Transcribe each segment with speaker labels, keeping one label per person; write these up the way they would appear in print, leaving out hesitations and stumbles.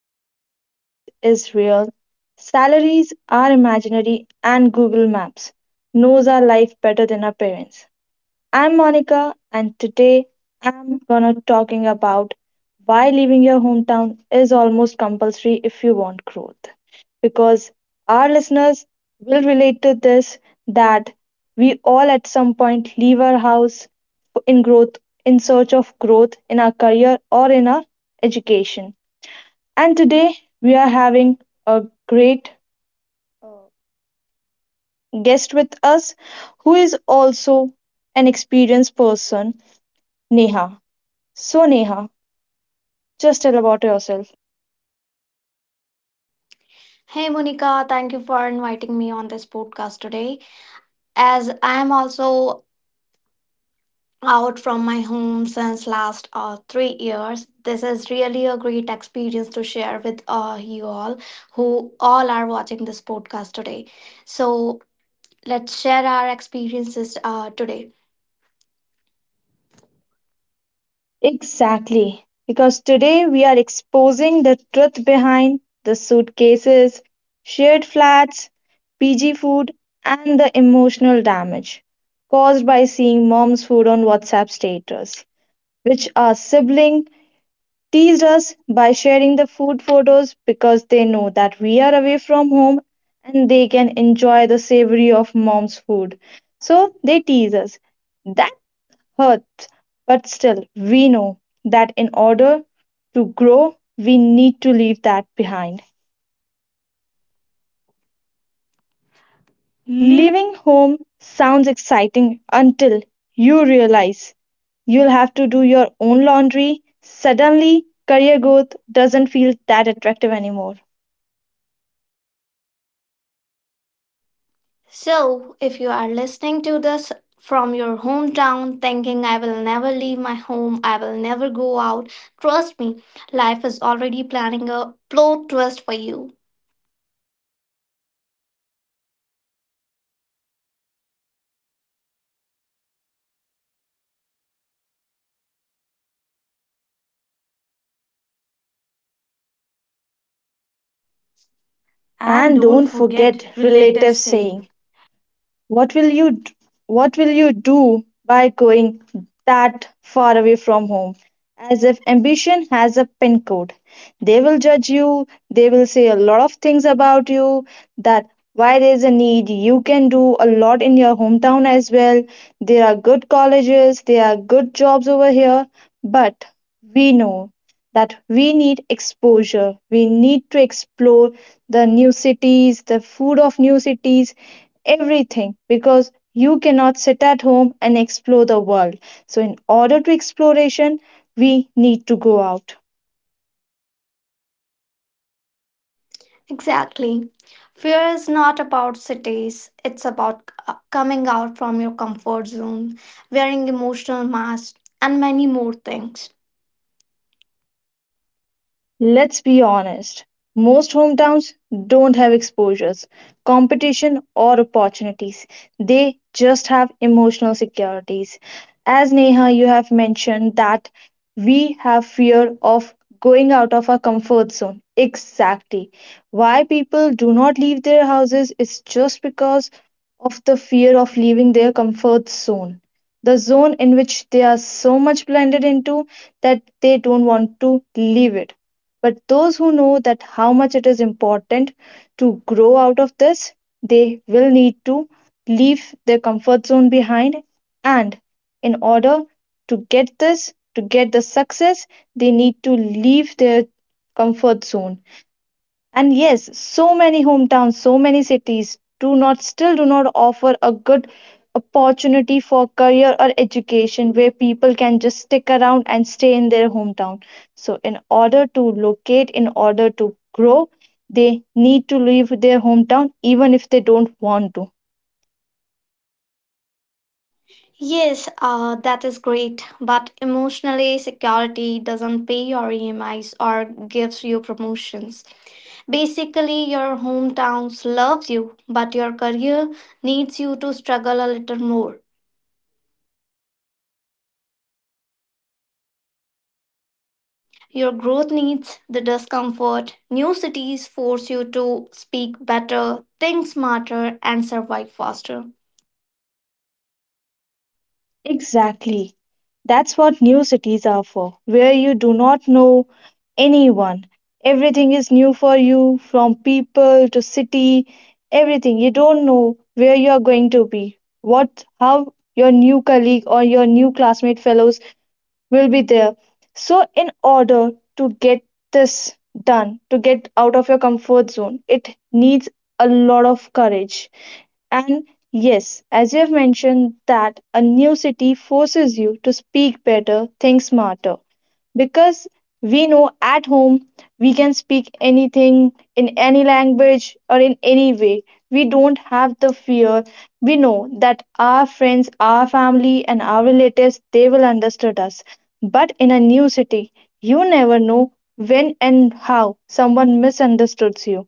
Speaker 1: where homesickness is real, salaries are imaginary, and Google Maps knows our life better than our parents. I'm Monica and today I'm gonna talking about why leaving your hometown is almost compulsory if you want growth. Because our listeners will relate to this that we all at some point leave our house in growth in search of growth in our career or in our education. And today we are having a great uh, guest with us who is also an experienced person, Neha. So, Neha, just tell about yourself.
Speaker 2: Hey Monica, thank you for inviting me on this podcast today. As I am also out from my home since last 3 years, this is really a great experience to share with you all who all are watching this podcast today. So let's share our experiences today.
Speaker 1: Exactly. Because today we are exposing the truth behind the suitcases, shared flats, PG food, and the emotional damage caused by seeing mom's food on WhatsApp status, which our sibling teased us by sharing the food photos because they know that we are away from home and they can enjoy the savory of mom's food. So they tease us. That hurts, but still, we know that in order to grow, we need to leave that behind. Leaving home sounds exciting until you realize you'll have to do your own laundry. Suddenly, career growth doesn't feel that attractive anymore.
Speaker 2: So, if you are listening to this from your hometown, thinking, I will never leave my home, I will never go out, trust me, life is already planning a plot twist for you. And
Speaker 1: And
Speaker 2: don't
Speaker 1: don't
Speaker 2: forget
Speaker 1: forget relatives
Speaker 2: relatives saying,
Speaker 1: saying, What will you d- what will you do by going that far away from home? As if ambition has a pin code. They will judge you, they will say a lot of things about you that why there's a need, you can do a lot in your hometown as well. There are good colleges, there are good jobs over here, but we know that we need exposure. We need to explore the new cities, the food of new cities, everything because you cannot sit at home and explore the world. So, in order to exploration, we need to go out.
Speaker 2: exactly. Fear is not about cities, it's about coming out from your comfort zone, wearing emotional masks, and many more things.
Speaker 1: Let's be honest, most hometowns don't have exposures, competition, or opportunities. They just have emotional securities. As Neha, you have mentioned that we have fear of going out of our comfort zone. Exactly. Why people do not leave their houses is just because of the fear of leaving their comfort zone. The zone in which they are so much blended into that they don't want to leave it but those who know that how much it is important to grow out of this, they will need to leave their comfort zone behind. And in order to get this, to get the success, they need to leave their comfort zone. And yes, so many hometowns, so many cities do not still do not offer a good opportunity for career or education where people can just stick around and stay in their hometown. So in order to locate, in order to grow, they need to leave their hometown even if they don't want to.
Speaker 2: Yes, that is great. But emotionally, security doesn't pay your EMIs or gives you promotions. Basically, your hometowns loves you, but your career needs you to struggle a little more. Your growth needs the discomfort. New cities force you to speak better, think smarter, and survive faster.
Speaker 1: Exactly. That's what new cities are for, where you do not know anyone. Everything is new for you, from people to city, everything. You don't know where you are going to be, what, how your new colleague or your new classmate fellows will be there. So, in order to get this done, to get out of your comfort zone, it needs a lot of courage. And yes, as you have mentioned, that a new city forces you to speak better, think smarter because we know at home we can speak anything in any language or in any way. We don't have the fear. We know that our friends, our family, and our relatives they will understand us. But in a new city, you never know when and how someone misunderstands you.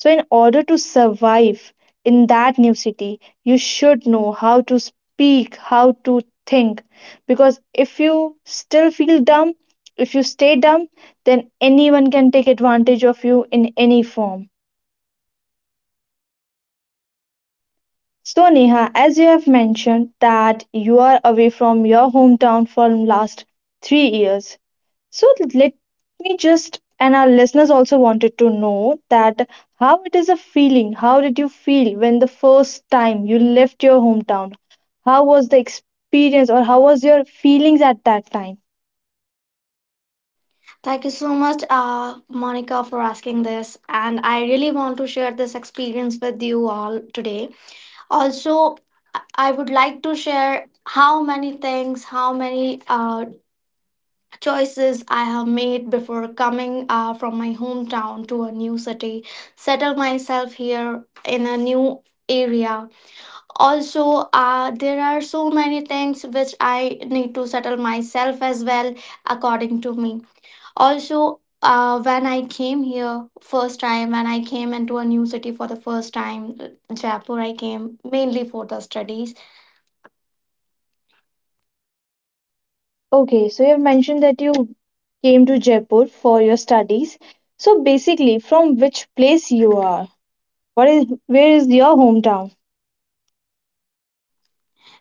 Speaker 1: So, in order to survive in that new city, you should know how to speak, how to think. Because if you still feel dumb, if you stay dumb, then anyone can take advantage of you in any form. So Neha, as you have mentioned that you are away from your hometown for last 3 years. So let me just and our listeners also wanted to know that how it is a feeling, how did you feel when the first time you left your hometown? How was the experience or how was your feelings at that time?
Speaker 2: Thank you so much, Monica, for asking this. And I really want to share this experience with you all today. Also, I would like to share how many things, how many choices I have made before coming from my hometown to a new city, settle myself here in a new area. Also, there are so many things which I need to settle myself as well, according to me. Also, when I came here first time, when I came into a new city for the first time, Jaipur, I came mainly for the studies
Speaker 1: Okay, so you have mentioned that you came to Jaipur for your studies. So basically from which place you are? What is where is your hometown?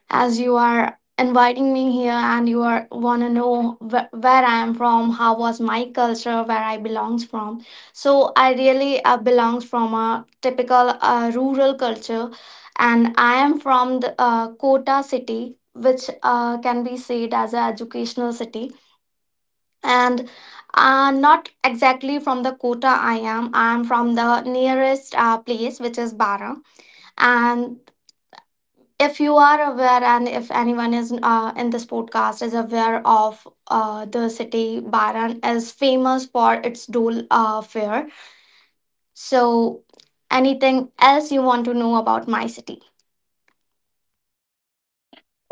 Speaker 2: as you are inviting me here and you are want to know where I am from, how was my culture, where I belongs from. So I really belongs from a typical rural culture, and I am from the Kota city, which can be said as an educational city, and not exactly from the Kota I am. I am from the nearest place, which is Bara, and if you are aware and if anyone is in this podcast is aware of the city Baran is famous for its Dole fair. So anything else you want to know about my city?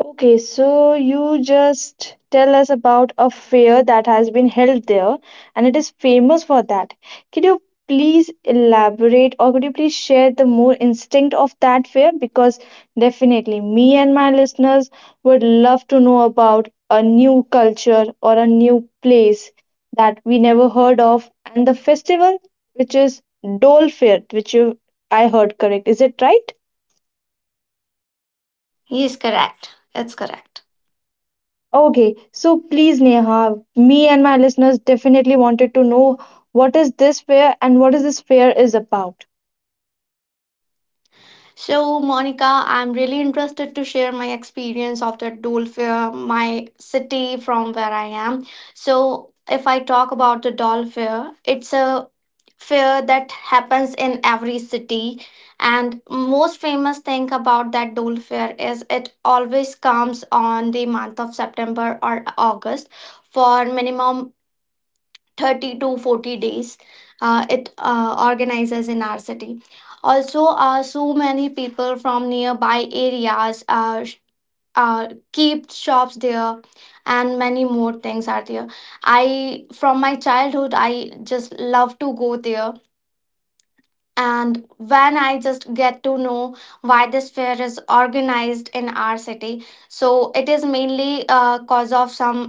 Speaker 1: Okay, so you just tell us about a fair that has been held there and it is famous for that. Could you please elaborate or could you please share the more instinct of that fair? Because definitely me and my listeners would love to know about a new culture or a new place that we never heard of and the festival which is Dole Fair, which you I heard correct. Is it right?
Speaker 2: He is correct. It's
Speaker 1: That's
Speaker 2: correct.
Speaker 1: correct. Okay, so please, Neha, me and my listeners definitely wanted to know what is this fair and what is this fair is about.
Speaker 2: So, Monica, I'm really interested to share my experience of the Dolphin, my city from where I am. So, if I talk about the doll, it's a fair that happens in every city, and most famous thing about that doll fair is it always comes on the month of September or August for minimum 30 to 40 days. It organizes in our city. Also, so many people from nearby areas uh, keep shops there, and many more things are there. I, from my childhood, I just love to go there. And when I just get to know why this fair is organized in our city, so it is mainly cause of some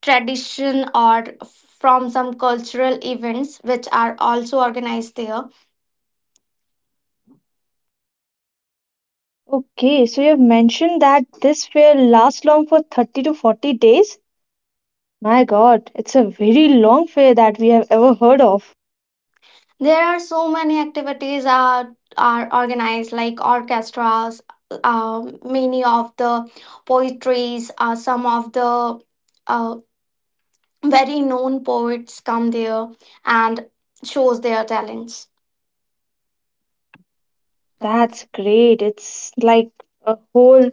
Speaker 2: tradition or from some cultural events which are also organized there.
Speaker 1: Okay, so you have mentioned that this fair lasts long for 30 to 40 days. My God, it's a very long fair that we have ever heard of.
Speaker 2: There are so many activities are organized like orchestras, many of the poetries, some of the uh, very known poets come there and shows their talents. That's
Speaker 1: That's great. It's like a whole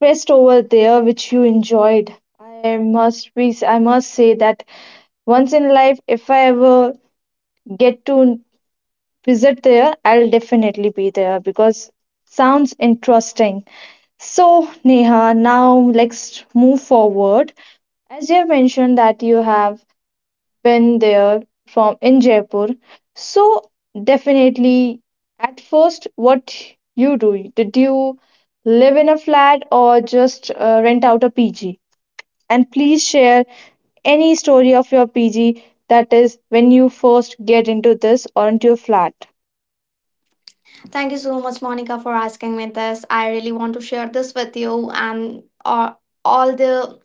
Speaker 1: fest over there which you enjoyed. I must be, I must say that once in life if I ever get to visit there, I'll definitely be there because sounds interesting. So, Neha, now let's move forward. As you have mentioned that you have been there from in Jaipur, so definitely at first, what you do? Did you live in a flat or just rent out a PG? And please share any story of your PG that is when you first get into this or into a flat.
Speaker 2: thank you so much, Monica, for asking me this. I really want to share this with you and all the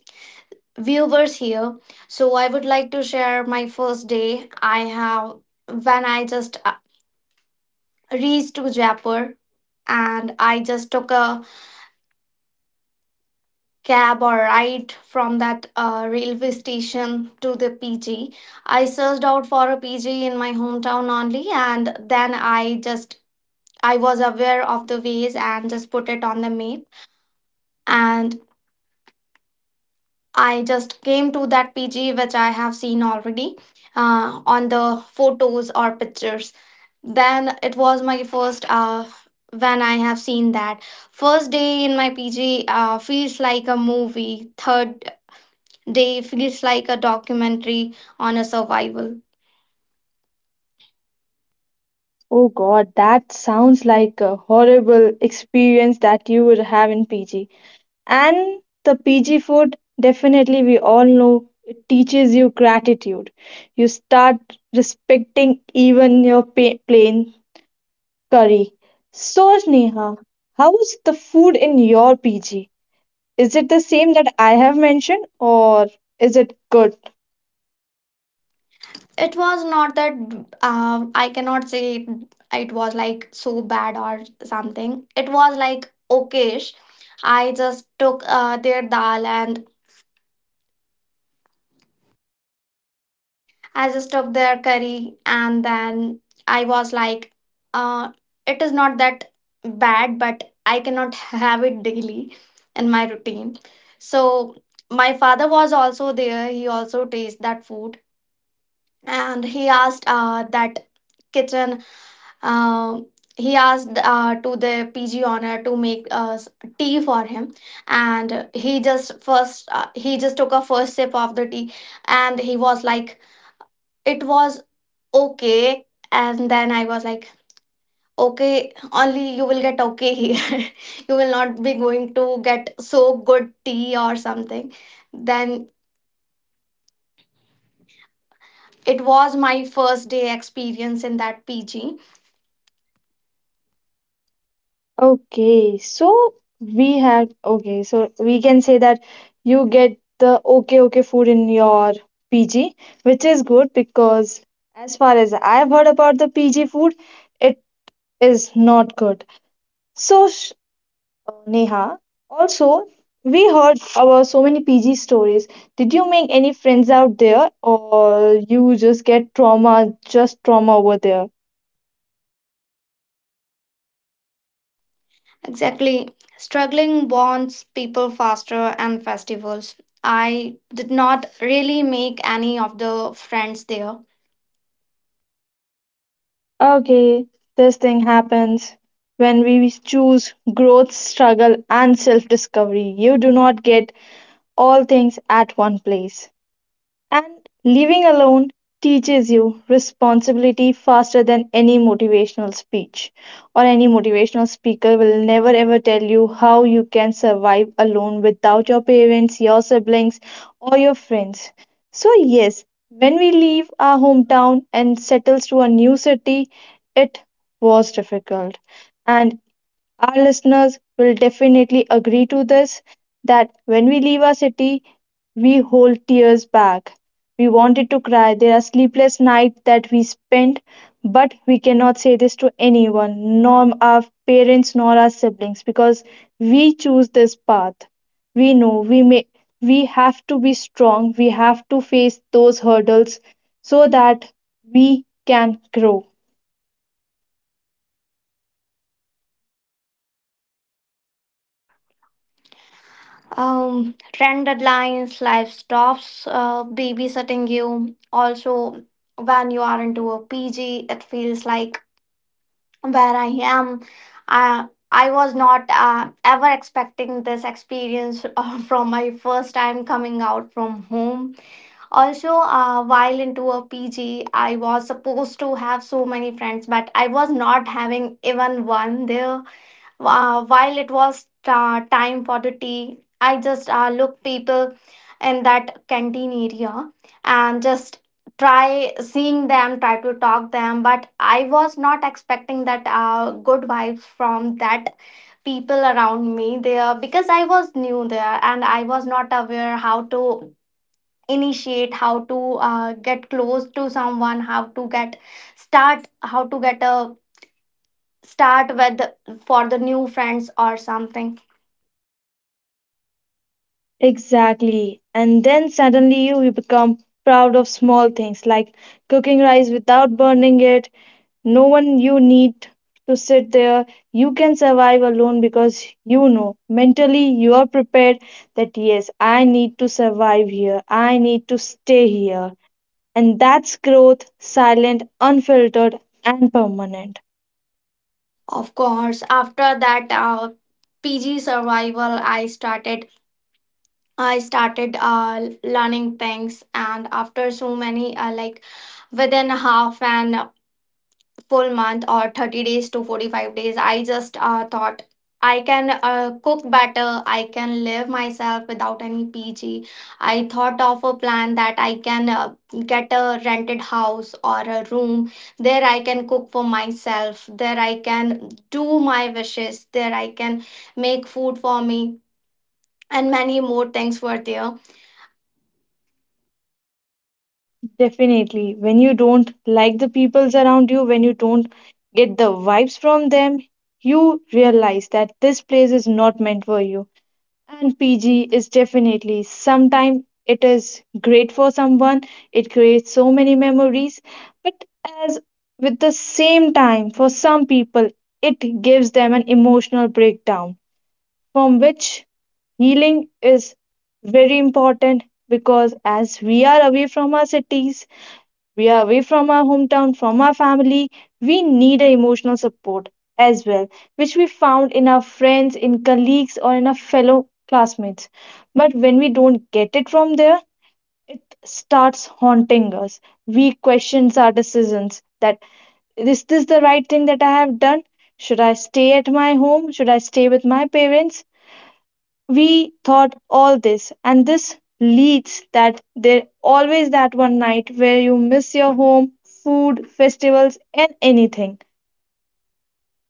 Speaker 2: viewers here. So I would like to share my first day I have when I just reached to Jaipur, and I just took a cab or ride from that railway station to the PG. I searched out for a PG in my hometown only, and then I just, I was aware of the ways and just put it on the map, and I just came to that PG which I have seen already on the photos or pictures. Then it was my first when I have seen that. First day in my PG feels like a movie, third day feels like a documentary on a survival.
Speaker 1: Oh God, that sounds like a horrible experience that you would have in PG. And the PG food, definitely, we all know it teaches you gratitude. You start respecting even your plain curry. So, Sneha, how is the food in your PG? Is it the same that I have mentioned, or is it good?
Speaker 2: It was not that, I cannot say it, it was like so bad or something. It was like okayish. I just took their dal, and I just took their curry, and then I was like, uh, it is not that bad, but I cannot have it daily in my routine. So my father was also there. He also tasted that food and he asked that kitchen. Uh, he asked to the PG owner to make tea for him, and he just first he just took a first sip of the tea, and he was like, it was okay. And then I was like, okay, only you will get okay here. You will not be going to get so good tea or something. Then it was my first day experience in that PG.
Speaker 1: Okay, so so we can say that you get the okay okay food in your PG, which is good because as far as I've heard about the PG food, it is not good. So Neha, also we heard about so many PG stories. Did you make any friends out there, or you just get trauma, just trauma over there?
Speaker 2: Exactly, struggling bonds people faster and festivals. I did not really make any of the friends there.
Speaker 1: Okay, this thing happens when we choose growth, struggle, and self discovery. You do not get all things at one place. And living alone teaches you responsibility faster than any motivational speech or any motivational speaker will never ever tell you how you can survive alone without your parents, your siblings, or your friends. So, yes, when we leave our hometown and settles to a new city, it was difficult and our listeners will definitely agree to this that when we leave our city, we hold tears back. We wanted to cry. There are sleepless nights that we spent, but we cannot say this to anyone, nor our parents, nor our siblings, because we choose this path. We know we may we have to be strong, we have to face those hurdles so that we can grow.
Speaker 2: Trend deadlines, life stops, babysitting you. Also, when you are into a PG, it feels like where I am. I was not ever expecting this experience from my first time coming out from home. Also, while into a PG, I was supposed to have so many friends, but I was not having even one there. While it was time for the tea, I just looked people in that canteen area, and just try seeing them, try to talk them. But I was not expecting that good vibes from that people around me there, because I was new there and I was not aware how to initiate, how to get close to someone, how to get start, how to get a start with for the new friends or something.
Speaker 1: Exactly. And then suddenly you become proud of small things like cooking rice without burning it. No one you need to sit there. You can survive alone because you know mentally you are prepared that yes, I need to survive here. I need to stay here. And that's growth, silent, unfiltered, and permanent.
Speaker 2: Of course, after that PG survival, I started learning things, and after so many like within half an full month or 30 days to 45 days, I just thought I can cook better, I can live myself without any PG. I thought of a plan that I can get a rented house or a room. There I can cook for myself, there I can do my wishes, there I can make food for me, and many more things were there.
Speaker 1: Definitely. When you don't like the peoples around you, when you don't get the vibes from them, you realize that this place is not meant for you. And PG is definitely sometimes it is great for someone, it creates so many memories, but as with the same time, for some people, it gives them an emotional breakdown from which healing is very important because as we are away from our cities we are away from our hometown, from our family. We need a emotional support as well, which we found in our friends, in colleagues, or in our fellow classmates. But when we don't get it from there, it starts haunting us. We question our decisions that is this the right thing that I have done? Should I stay at my home? Should I stay with my parents? We thought all this and this leads that there always that one night where you miss your home food festivals and anything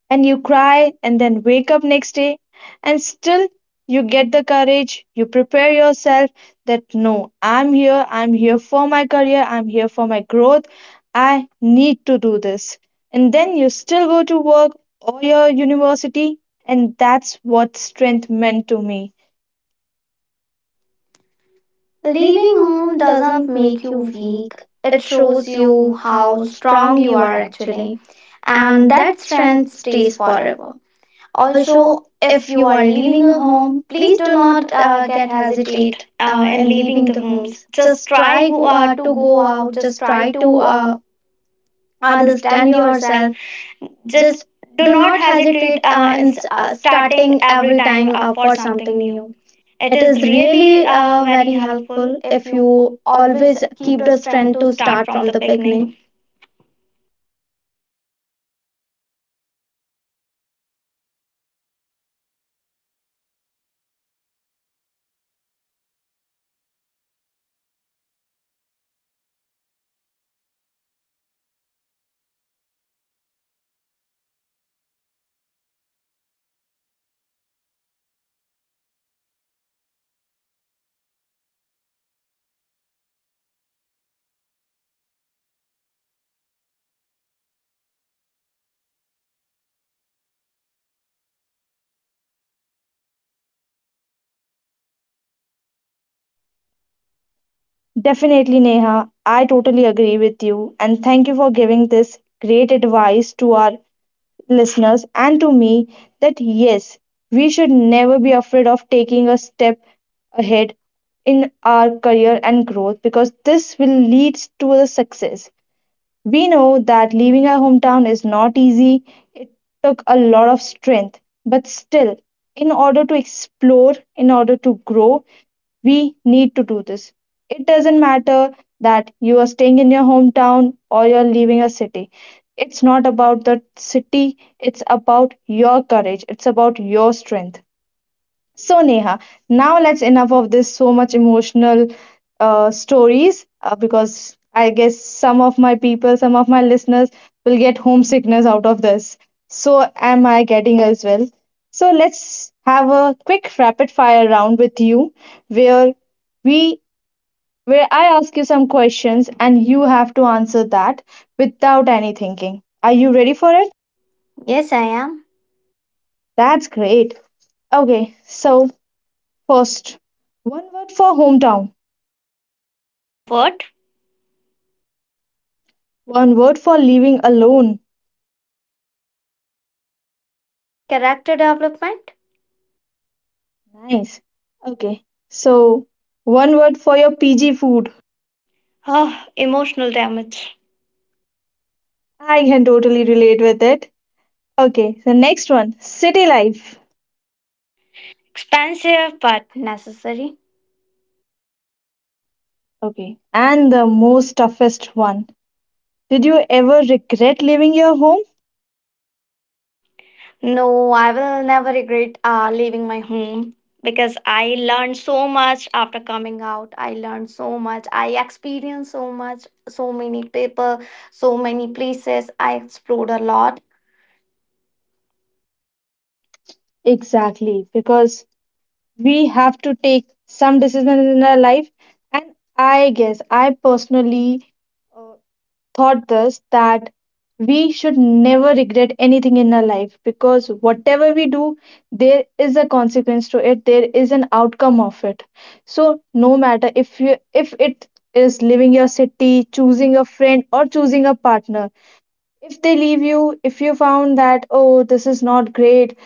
Speaker 1: and you cry and then wake up next day and still you get the courage you prepare yourself that no, I'm here, I'm here for my career, I'm here for my growth. I need to do this and then you still go to work or your university and that's what strength meant to me.
Speaker 2: Leaving
Speaker 1: Leaving
Speaker 2: home
Speaker 1: home
Speaker 2: doesn't
Speaker 1: doesn't
Speaker 2: make
Speaker 1: make
Speaker 2: you
Speaker 1: you
Speaker 2: weak.
Speaker 1: weak.
Speaker 2: It
Speaker 1: It
Speaker 2: shows
Speaker 1: shows
Speaker 2: you
Speaker 1: you
Speaker 2: how
Speaker 1: how
Speaker 2: strong
Speaker 1: strong
Speaker 2: you
Speaker 1: you
Speaker 2: are
Speaker 1: are
Speaker 2: actually,
Speaker 1: actually,
Speaker 2: and
Speaker 1: and
Speaker 2: that
Speaker 1: that
Speaker 2: strength
Speaker 1: strength
Speaker 2: stays
Speaker 1: stays
Speaker 2: forever.
Speaker 1: forever.
Speaker 2: Also,
Speaker 1: Also,
Speaker 2: if
Speaker 1: if
Speaker 2: you
Speaker 1: you
Speaker 2: are
Speaker 1: are
Speaker 2: leaving
Speaker 1: leaving
Speaker 2: a
Speaker 1: a
Speaker 2: home,
Speaker 1: home,
Speaker 2: please
Speaker 1: please
Speaker 2: do
Speaker 1: do
Speaker 2: not
Speaker 1: not
Speaker 2: get
Speaker 1: get
Speaker 2: hesitate
Speaker 1: hesitate
Speaker 2: in
Speaker 1: in
Speaker 2: leaving
Speaker 1: leaving
Speaker 2: the
Speaker 1: the
Speaker 2: homes.
Speaker 1: homes.
Speaker 2: Just
Speaker 1: Just
Speaker 2: try to
Speaker 1: to
Speaker 2: go
Speaker 1: go
Speaker 2: out.
Speaker 1: out.
Speaker 2: Just
Speaker 1: Just
Speaker 2: try
Speaker 1: try
Speaker 2: to
Speaker 1: to
Speaker 2: understand
Speaker 1: understand
Speaker 2: yourself.
Speaker 1: yourself.
Speaker 2: Just
Speaker 1: Just
Speaker 2: do
Speaker 1: do
Speaker 2: not
Speaker 1: not
Speaker 2: hesitate
Speaker 1: hesitate in
Speaker 2: starting
Speaker 1: starting
Speaker 2: every
Speaker 1: every
Speaker 2: time
Speaker 1: time
Speaker 2: for
Speaker 1: for
Speaker 2: something
Speaker 1: something
Speaker 2: new.
Speaker 1: new.
Speaker 2: It
Speaker 1: It
Speaker 2: is
Speaker 1: is
Speaker 2: really
Speaker 1: really
Speaker 2: very
Speaker 1: very
Speaker 2: helpful
Speaker 1: helpful
Speaker 2: if
Speaker 1: if
Speaker 2: you
Speaker 1: you
Speaker 2: always
Speaker 1: always
Speaker 2: keep
Speaker 1: keep
Speaker 2: the
Speaker 1: the
Speaker 2: strength
Speaker 1: strength
Speaker 2: to
Speaker 1: to
Speaker 2: start
Speaker 1: start
Speaker 2: from
Speaker 1: from
Speaker 2: the
Speaker 1: the
Speaker 2: beginning.
Speaker 1: beginning. Definitely, Neha. I totally agree with you, and thank you for giving this great advice to our listeners and to me that yes, we should never be afraid of taking a step ahead in our career and growth because this will lead to the success. We know that leaving our hometown is not easy. It took a lot of strength, but still, in order to explore, in order to grow, we need to do this. It doesn't matter that you are staying in your hometown or you're leaving a city. It's not about the city, it's about your courage, it's about your strength. So, Neha, now let's enough of this so much emotional stories because I guess some of my people, some of my listeners will get homesickness out of this. So, am I getting as well? So, let's have a quick rapid fire round with you where we where I ask you some questions and you have to answer that without any thinking. Are you ready for it?
Speaker 2: Yes, I am.
Speaker 1: That's great. Okay, so first, one word for hometown.
Speaker 2: Comfort.
Speaker 1: One word for living alone.
Speaker 2: Character development.
Speaker 1: Nice. Okay. So, one word for your PG food.
Speaker 2: Oh, emotional damage.
Speaker 1: I can totally relate with it. Okay. The next one city life.
Speaker 2: Expensive but necessary.
Speaker 1: Okay. And the most toughest one. Did you ever regret leaving your home?
Speaker 2: No, I will never regret leaving my home, because I learned so much after coming out. I learned so much. I experienced so much, so many people, so many places. I explored a lot.
Speaker 1: Exactly. Because we have to take some decisions in our life. And I guess I personally uh, taught us that we should never regret anything in our life because whatever we do, there is a consequence to it, there is an outcome of it. So no matter if it is leaving your city, choosing a friend or choosing a partner. If they leave you, if you found that oh this is not great,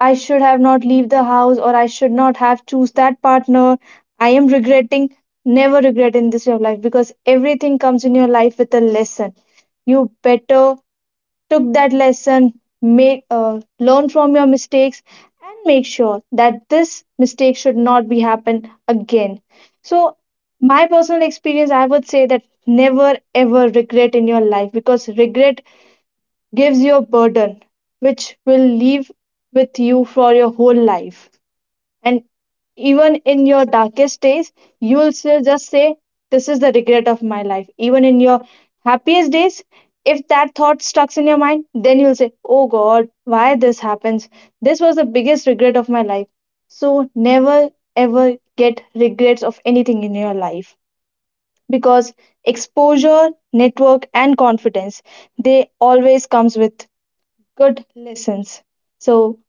Speaker 1: I should have not leave the house or I should not have choose that partner. I am regretting, never regret in this your life because everything comes in your life with a lesson. You better took that lesson, make learn from your mistakes and make sure that this mistake should not be happen again. So my personal experience, I would say that never ever regret in your life because regret gives you a burden which will live with you for your whole life. And even in your darkest days, you will still just say, "This is the regret of my life." Even in your happiest days, if that thought stucks in your mind, then you'll say, "Oh God, why this happens? This was the biggest regret of my life." So never ever get regrets of anything in your life because exposure, network, and confidence they always comes with good lessons. So,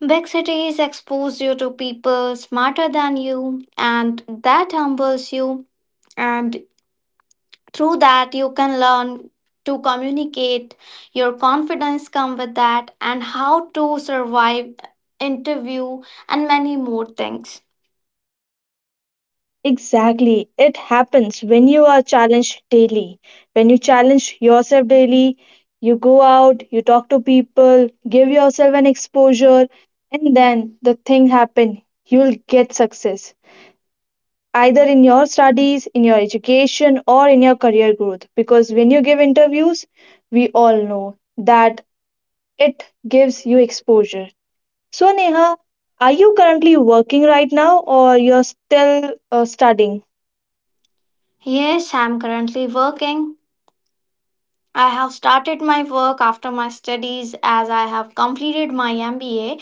Speaker 2: Big cities expose you to people smarter than you, and that humbles you. And through that you can learn to communicate, your confidence come with that, and how to survive interview and many more things.
Speaker 1: exactly, it happens when you are challenged daily. When you challenge yourself daily, you go out, you talk to people, give yourself an exposure, and then the thing happen. You'll get success either in your studies, in your education, or in your career growth. Because when you give interviews, we all know that it gives you exposure. So, Neha, are you currently working right now or you're still studying?
Speaker 2: Yes, I'm currently working. I have started my work after my studies as I have completed my MBA,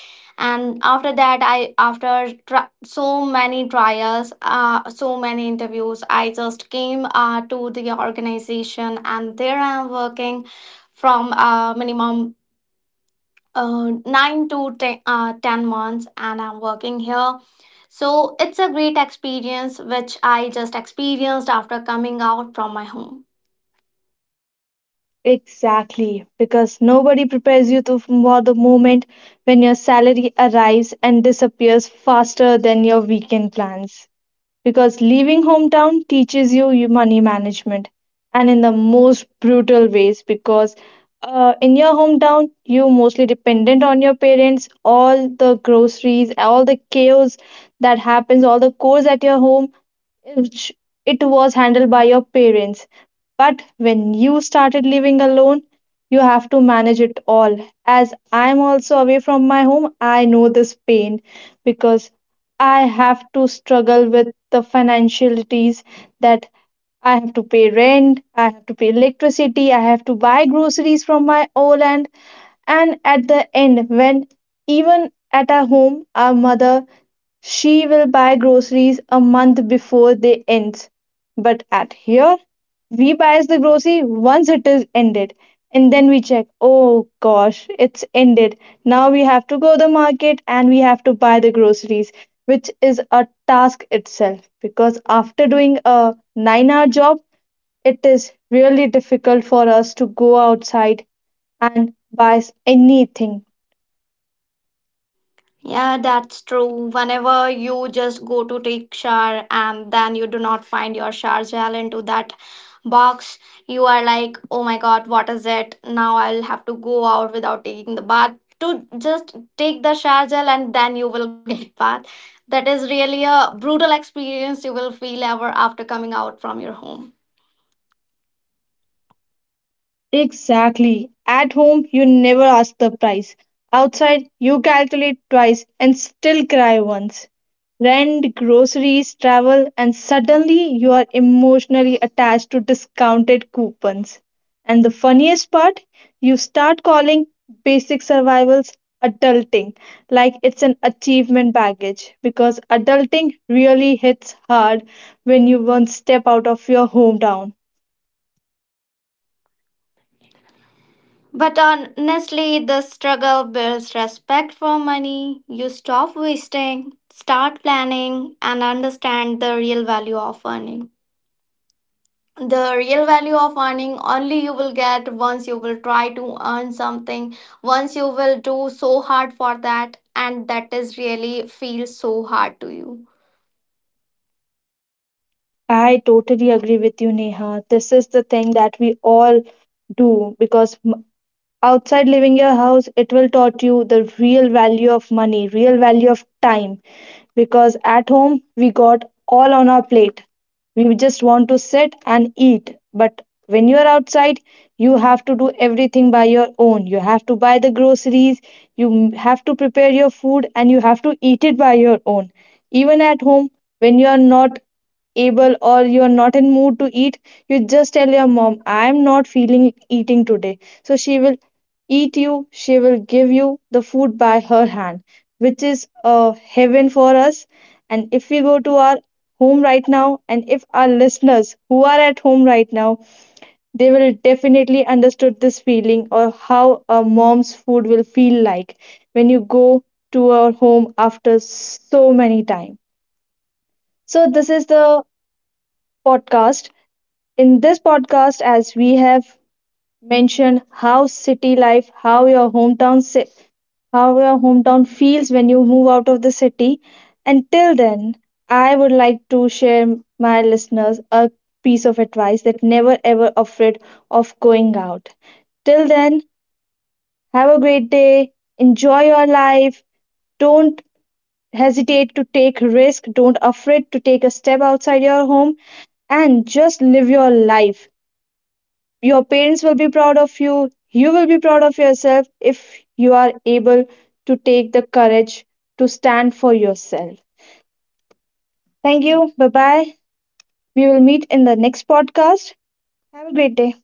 Speaker 2: and after that I, after tr, so many trials, so many interviews, I just came to the organization, and there I am working from a minimum 9 to 10, 10 months, and I'm working here. So it's a great experience which I just experienced after coming out from my home.
Speaker 1: Exactly, because nobody prepares you to, for the moment when your salary arrives and disappears faster than your weekend plans. Because leaving hometown teaches you your money management and in the most brutal ways because in your hometown you mostly dependent on your parents, all the groceries, all the chaos that happens, all the chores at your home which it was handled by your parents. But when you started living alone, you have to manage it all. As I'm also away from my home, I know this pain because I have to struggle with the financialities that I have to pay rent, I have to pay electricity, I have to buy groceries from my old aunt. And at the end, when even at our home, our mother, she will buy groceries a month before they end. But at here, we buys the grocery once it is ended. And then we check, oh gosh, it's ended. Now we have to go the market and we have to buy the groceries which is a task itself because after doing a 9 hour job, it is really difficult for us to go outside and buy anything.
Speaker 2: Yeah, that's true. Whenever you just go to take shower and then you do not find your shower gel into that box, you are like, oh my god, what is it? Now I'll have to go out without taking the bath to just take the shower gel, and then you will get bath. That is really a brutal experience you will feel ever after coming out from your home.
Speaker 1: Exactly. At home, you never ask the price. Outside, you calculate twice and still cry once. Rent, groceries, travel, and suddenly you are emotionally attached to discounted coupons. And the funniest part, you start calling basic survivals adulting, like it's an achievement baggage, because adulting really hits hard when you once step out of your hometown.
Speaker 2: But honestly, the struggle builds respect for money. You stop wasting, start planning, and understand the real value of earning. The real value of earning only you will get once you will try to earn something, once you will do so hard for that, and that is really feel so hard to you.
Speaker 1: I totally agree with you, Neha. This is the thing that we all do because outside leaving your house, it will taught you the real value of money, real value of time. Because at home, we got all on our plate. We just want to sit and eat. But when you're outside, you have to do everything by your own. You have to buy the groceries, you have to prepare your food, and you have to eat it by your own. Even at home, when you are not able or you're not in mood to eat, you just tell your mom, "I'm not feeling eating today," so she will eat you she will give you the food by her hand, which is a heaven for us. And if we go to our home right now, and if our listeners who are at home right now, they will definitely understood this feeling or how a mom's food will feel like when you go to our home after so many time. So this is the podcast. In this podcast, as we have mentioned how city life, how your how your hometown feels when you move out of the city. Until then, I would like to share my listeners a piece of advice that never ever afraid of going out. Till then, have a great day. Enjoy your life. Don't hesitate to take risk. Don't afraid to take a step outside your home and just live your life. Your parents will be proud of you. You will be proud of yourself if you are able to take the courage to stand for yourself. Thank you. Bye bye. We will meet in the next podcast. Have a great day.